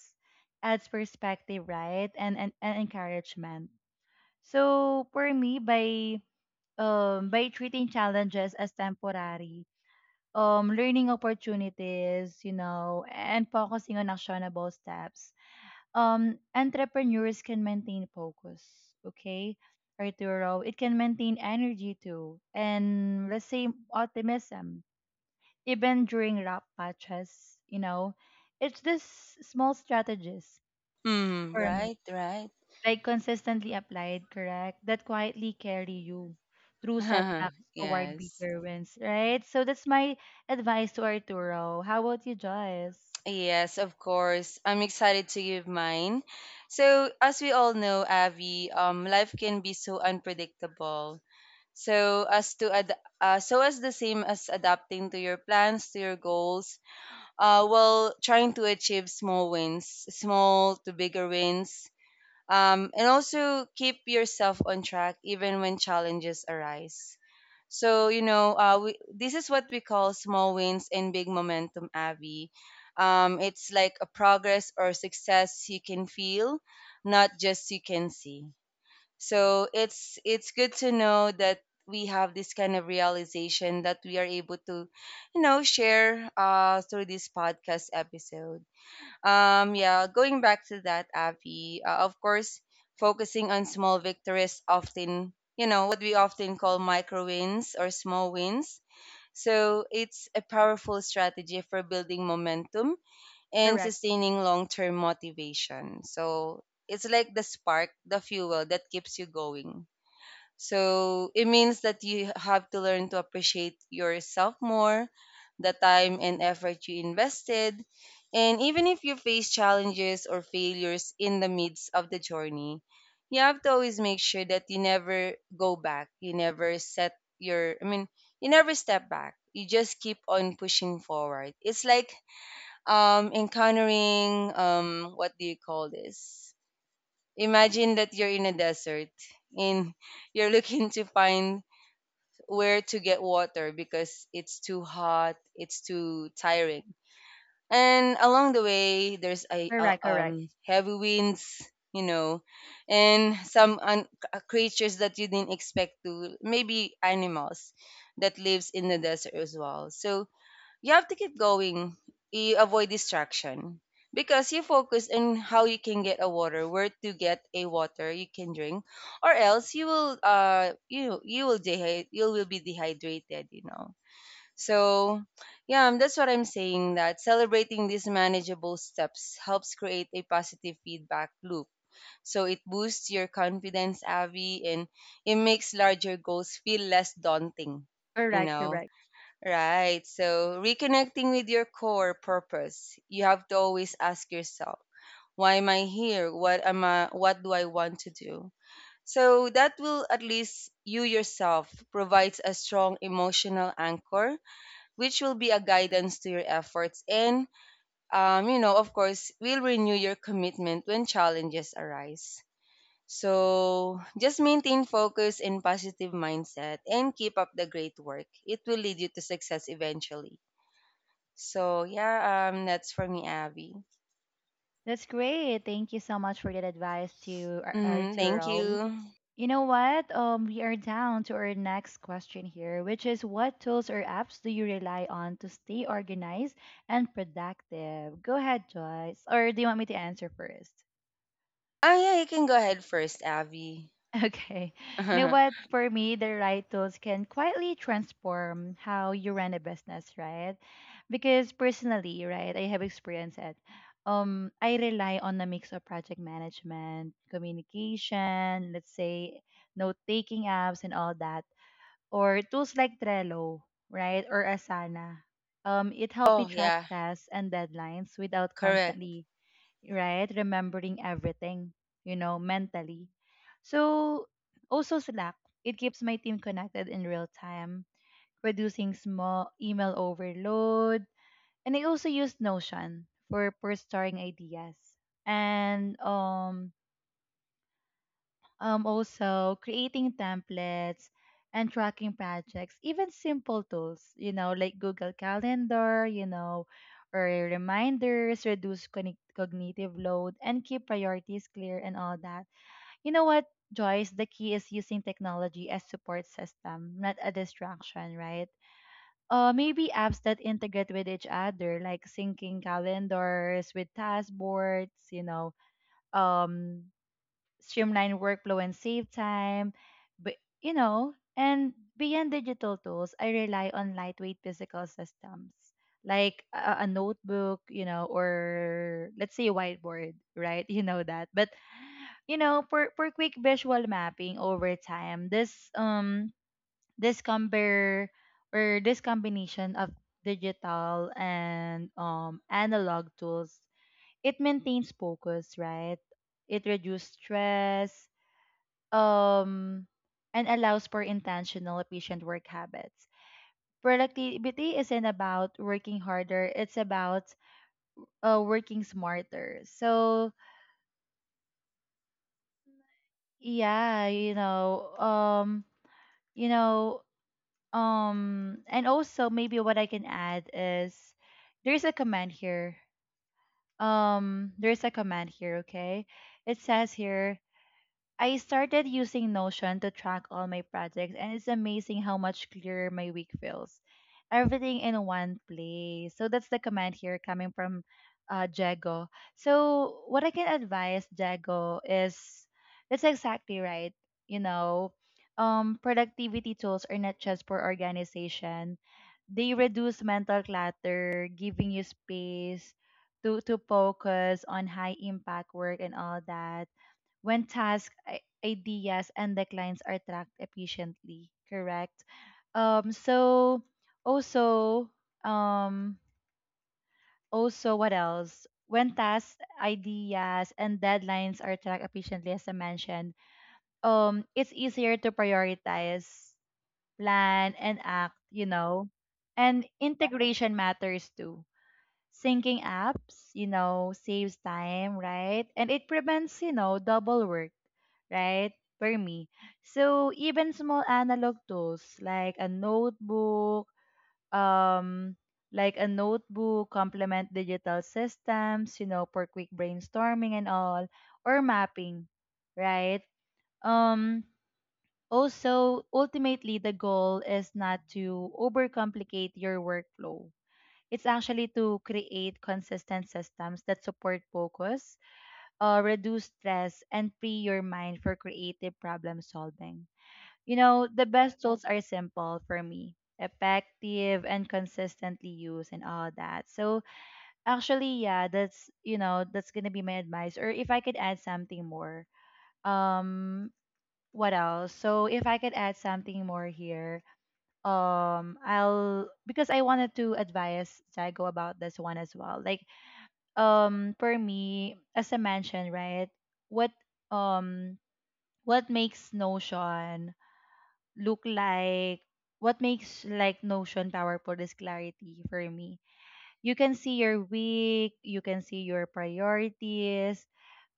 [SPEAKER 1] adds perspective, right? And encouragement. So for me, by treating challenges as temporary, learning opportunities, and focusing on actionable steps, entrepreneurs can maintain focus, okay? Arturo, it can maintain energy too, and let's say optimism, even during rough patches, you know. It's this small strategies
[SPEAKER 2] Mm,
[SPEAKER 1] for me,
[SPEAKER 2] right, right.
[SPEAKER 1] like consistently applied, correct, that quietly carry you through setbacks
[SPEAKER 2] [LAUGHS]
[SPEAKER 1] toward
[SPEAKER 2] Yes.
[SPEAKER 1] bigger wins, right? So that's my advice to Arturo. How about you, Joyce?
[SPEAKER 2] Yes, of course. I'm excited to give mine. So, as we all know, Avi, life can be so unpredictable. So, as the same as adapting to your plans, to your goals, while trying to achieve small wins, small to bigger wins, and also keep yourself on track even when challenges arise. So this is what we call small wins and big momentum, Abby. It's like a progress or success you can feel, not just you can see. So it's good to know that we have this kind of realization that we are able to, share through this podcast episode. Yeah, going back to that, Avi, of course, focusing on small victories, often what we often call micro wins or small wins. So it's a powerful strategy for building momentum and
[SPEAKER 1] Correct,
[SPEAKER 2] sustaining long term motivation. So it's like the spark, the fuel that keeps you going. So it means that you have to learn to appreciate yourself more, the time and effort you invested. And even if you face challenges or failures in the midst of the journey, you have to always make sure that you never go back. You never set your, I mean, you never step back. You just keep on pushing forward. It's like encountering, what do you call this? Imagine that you're in a desert and you're looking to find where to get water because it's too hot, it's too tiring. And along the way, there's a
[SPEAKER 1] correct, correct,
[SPEAKER 2] heavy winds, you know, and some creatures that you didn't expect to, maybe animals that lives in the desert as well. So you have to keep going. You avoid distraction because you focus on how you can get a water, where to get a water you can drink, or else you will you you will dehy- you will be dehydrated. So yeah, that's what I'm saying, that celebrating these manageable steps helps create a positive feedback loop. So it boosts your confidence, Avi, and it makes larger goals feel less daunting. You
[SPEAKER 1] correct,
[SPEAKER 2] know,
[SPEAKER 1] correct.
[SPEAKER 2] Right. So, reconnecting with your core purpose, you have to always ask yourself, why am I here? What do I want to do? So that will, at least, you yourself provides a strong emotional anchor, which will be a guidance to your efforts, and of course, will renew your commitment when challenges arise. So just maintain focus and positive mindset and keep up the great work. It will lead you to success eventually. So yeah, that's for me, Abby.
[SPEAKER 1] That's great. Thank you so much for that advice to
[SPEAKER 2] Mm, thank
[SPEAKER 1] Arturo. Mhm.
[SPEAKER 2] you.
[SPEAKER 1] You know what? We are down to our next question here, which is what tools or apps do you rely on to stay organized and productive? Go ahead, Joyce. Or do you want me to answer first?
[SPEAKER 2] Ah, yeah, you can go ahead first, Abby.
[SPEAKER 1] Okay.
[SPEAKER 2] [LAUGHS]
[SPEAKER 1] You know
[SPEAKER 2] Oh
[SPEAKER 1] what? For me, the right tools can quietly transform how you run a business, right? Because personally, right, I have experienced it. I rely on a mix of project management, communication, let's say note taking apps and all that, or tools like Trello, right, or Asana. It helped me track
[SPEAKER 2] yeah,
[SPEAKER 1] tasks and deadlines without
[SPEAKER 2] correct.
[SPEAKER 1] constantly, right? Remembering everything, mentally. So also Slack, it keeps my team connected in real time, reducing small email overload. And I also use Notion for storing ideas. And also creating templates and tracking projects, even simple tools, you know, like Google Calendar, you know, or reminders, reduce cognitive load, and keep priorities clear and all that. You know what, Joyce? The key is using technology as support system, not a distraction, right? Maybe apps that integrate with each other, like syncing calendars with task boards, you know, um streamline workflow and save time. But you know, and beyond digital tools, I rely on lightweight physical systems like a notebook, you know, or let's say a whiteboard, right? [LAUGHS] You know that. But you know, for quick visual mapping over time, this compare or this combination of digital and analog tools, it maintains focus, right? It reduces stress, um, and allows for intentional, efficient work habits. Productivity isn't about working harder, it's about working smarter. So, yeah, you know, and also maybe what I can add is there's a command here. There's a command here, okay? It says here I started using Notion to track all my projects, and it's amazing how much clearer my week feels. Everything in one place. So that's the comment here coming from Jago. So what I can advise Jago is that's exactly right. You know, Productivity tools are not just for organization. They reduce mental clutter, giving you space to focus on high impact work and all that when tasks, ideas, and declines are tracked efficiently, correct? So also, um, also what else? When tasks, ideas, and deadlines are tracked efficiently, as I mentioned, it's easier to prioritize, plan, and act, you know. And integration matters too. Syncing apps, you know, saves time, right? And it prevents, you know, double work, right? For me. So even small analog tools um, like a notebook complement digital systems, you know, for quick brainstorming and all, or mapping, right? Um, Also, ultimately, the goal is not to overcomplicate your workflow, it's actually to create consistent systems that support focus, reduce stress, and free your mind for creative problem solving. You know, the best tools are simple for me, effective and consistently used and all that. So actually, yeah, that's you know that's gonna be my advice. Or if I could add something more, um, what else? So if I could add something more here, I'll because I wanted to advise Jago about this one as well, like for me as I mentioned right what um what makes notion look like what makes like notion powerful is clarity for me. You can see your week, you can see your priorities,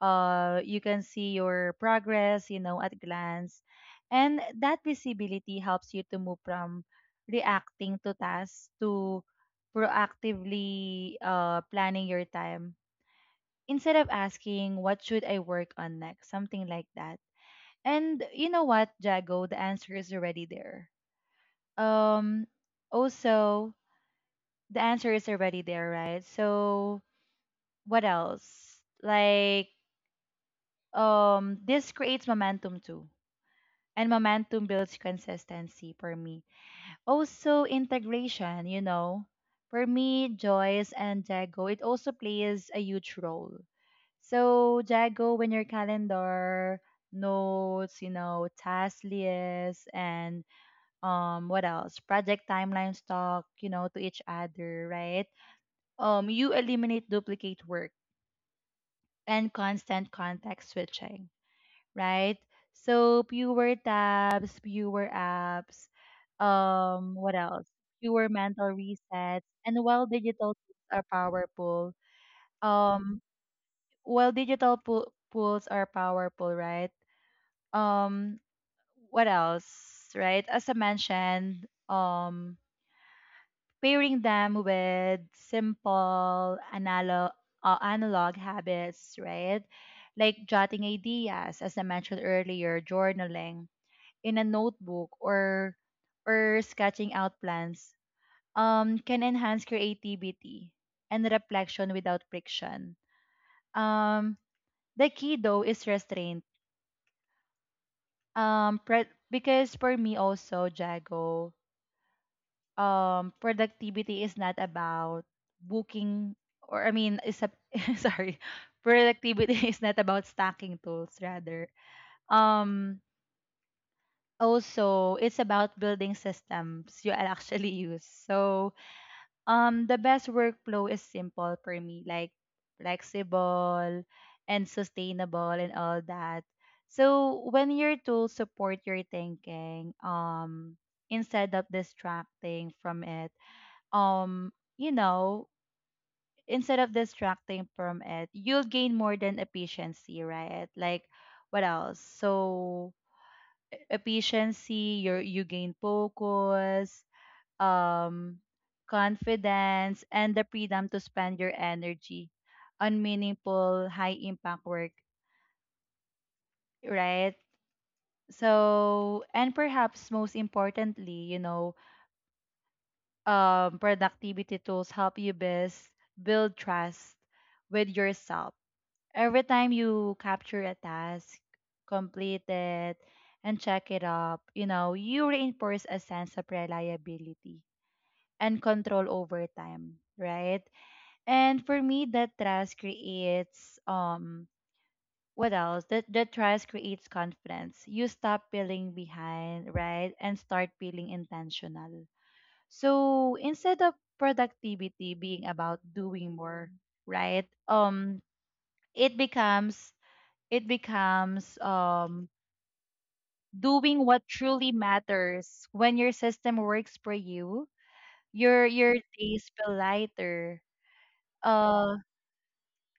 [SPEAKER 1] you can see your progress, you know, at glance, and that visibility helps you to move from reacting to tasks to proactively planning your time instead of asking what should I work on next, something like that. And you know what, Jago, the answer is already there. Um Also the answer is already there, right? So what else? Like this creates momentum too. And momentum builds consistency for me. Also integration, you know. For me, Joyce and Jago, it also plays a huge role. So Jago, when your calendar, notes, you know, task lists, and what else? Project timelines talk, you know, to each other, right? You eliminate duplicate work and constant context switching, right? So fewer tabs, fewer apps. What else? Fewer mental resets. And while digital tools are powerful, um, while digital pools are powerful, right? um what else, right? As I mentioned, pairing them with simple analog analog habits, right, like jotting ideas as I mentioned earlier, journaling in a notebook or sketching out plans, can enhance creativity and reflection without friction. um the key though is restraint. Because for me also Jago, productivity is not about booking or I mean is a [LAUGHS] sorry, productivity is not about stacking tools, rather um also it's about building systems you [LAUGHS] actually use. So the best workflow is simple for me, like flexible and sustainable and all that. So when your tools support your thinking, instead of distracting from it, um you know, instead of distracting from it, you'll gain more than efficiency, right? Like what else? So efficiency, you gain focus, um confidence, and the freedom to spend your energy on meaningful high impact work, right? So and perhaps most importantly, you know, productivity tools help you best build trust with yourself. Every time you capture a task, complete it, and check it up, you know, you reinforce a sense of reliability and control over time, right? And for me, that trust creates what else? That trust creates confidence. You stop feeling behind, right? And start feeling intentional. So instead of productivity being about doing more, right? It becomes, it becomes um, doing what truly matters. When your system works for you, your days feel lighter. Uh,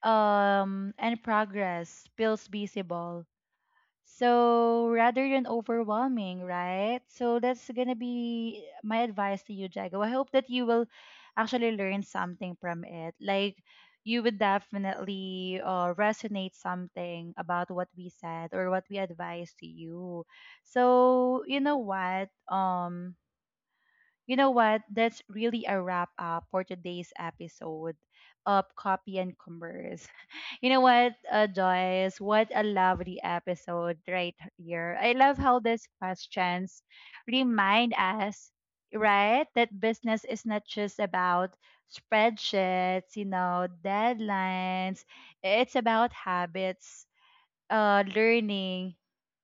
[SPEAKER 1] and progress feels visible. So rather than overwhelming, right? So that's gonna be my advice to you, Jago. I hope that you will actually learn something from it. Like you would definitely resonate something about what we said or what we advised to you. So you know what? You know what? That's really a wrap up for today's episode of Copy and Converse. [LAUGHS] You know what, Joyce? What a lovely episode right here. I love how these questions remind us, right, that business is not just about spreadsheets, you know, deadlines. It's about habits, learning,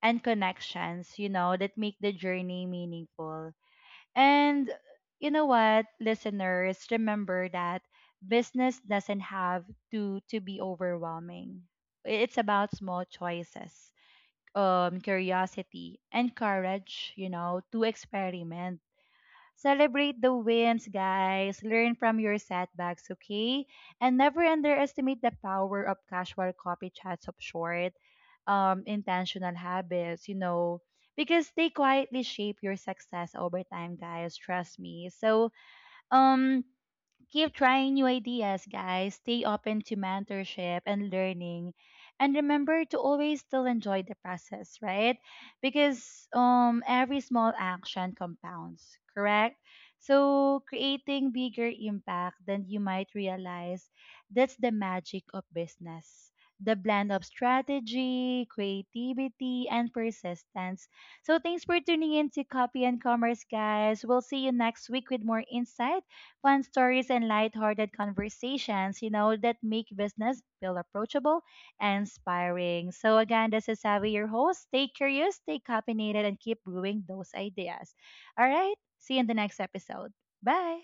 [SPEAKER 1] and connections, you know, that make the journey meaningful. And you know what, listeners, remember that business doesn't have to be overwhelming. It's about small choices, curiosity, and courage, you know, to experiment. Celebrate the wins, guys. Learn from your setbacks, okay? And never underestimate the power of casual copy chats of short, intentional habits, you know, because they quietly shape your success over time, guys. Trust me. So, um, keep trying new ideas, guys. Stay open to mentorship and learning. And remember to always still enjoy the process, right? Because every small action compounds, correct? So creating bigger impact than you might realize, that's the magic of business. The blend of strategy, creativity, and persistence. So thanks for tuning in to Copy and Commerce, guys. We'll see you next week with more insights, fun stories, and lighthearted conversations, you know, that make business feel approachable and inspiring. So, again, this is Savvy, your host. Stay curious, stay caffeinated, and keep brewing those ideas. All right. See you in the next episode. Bye.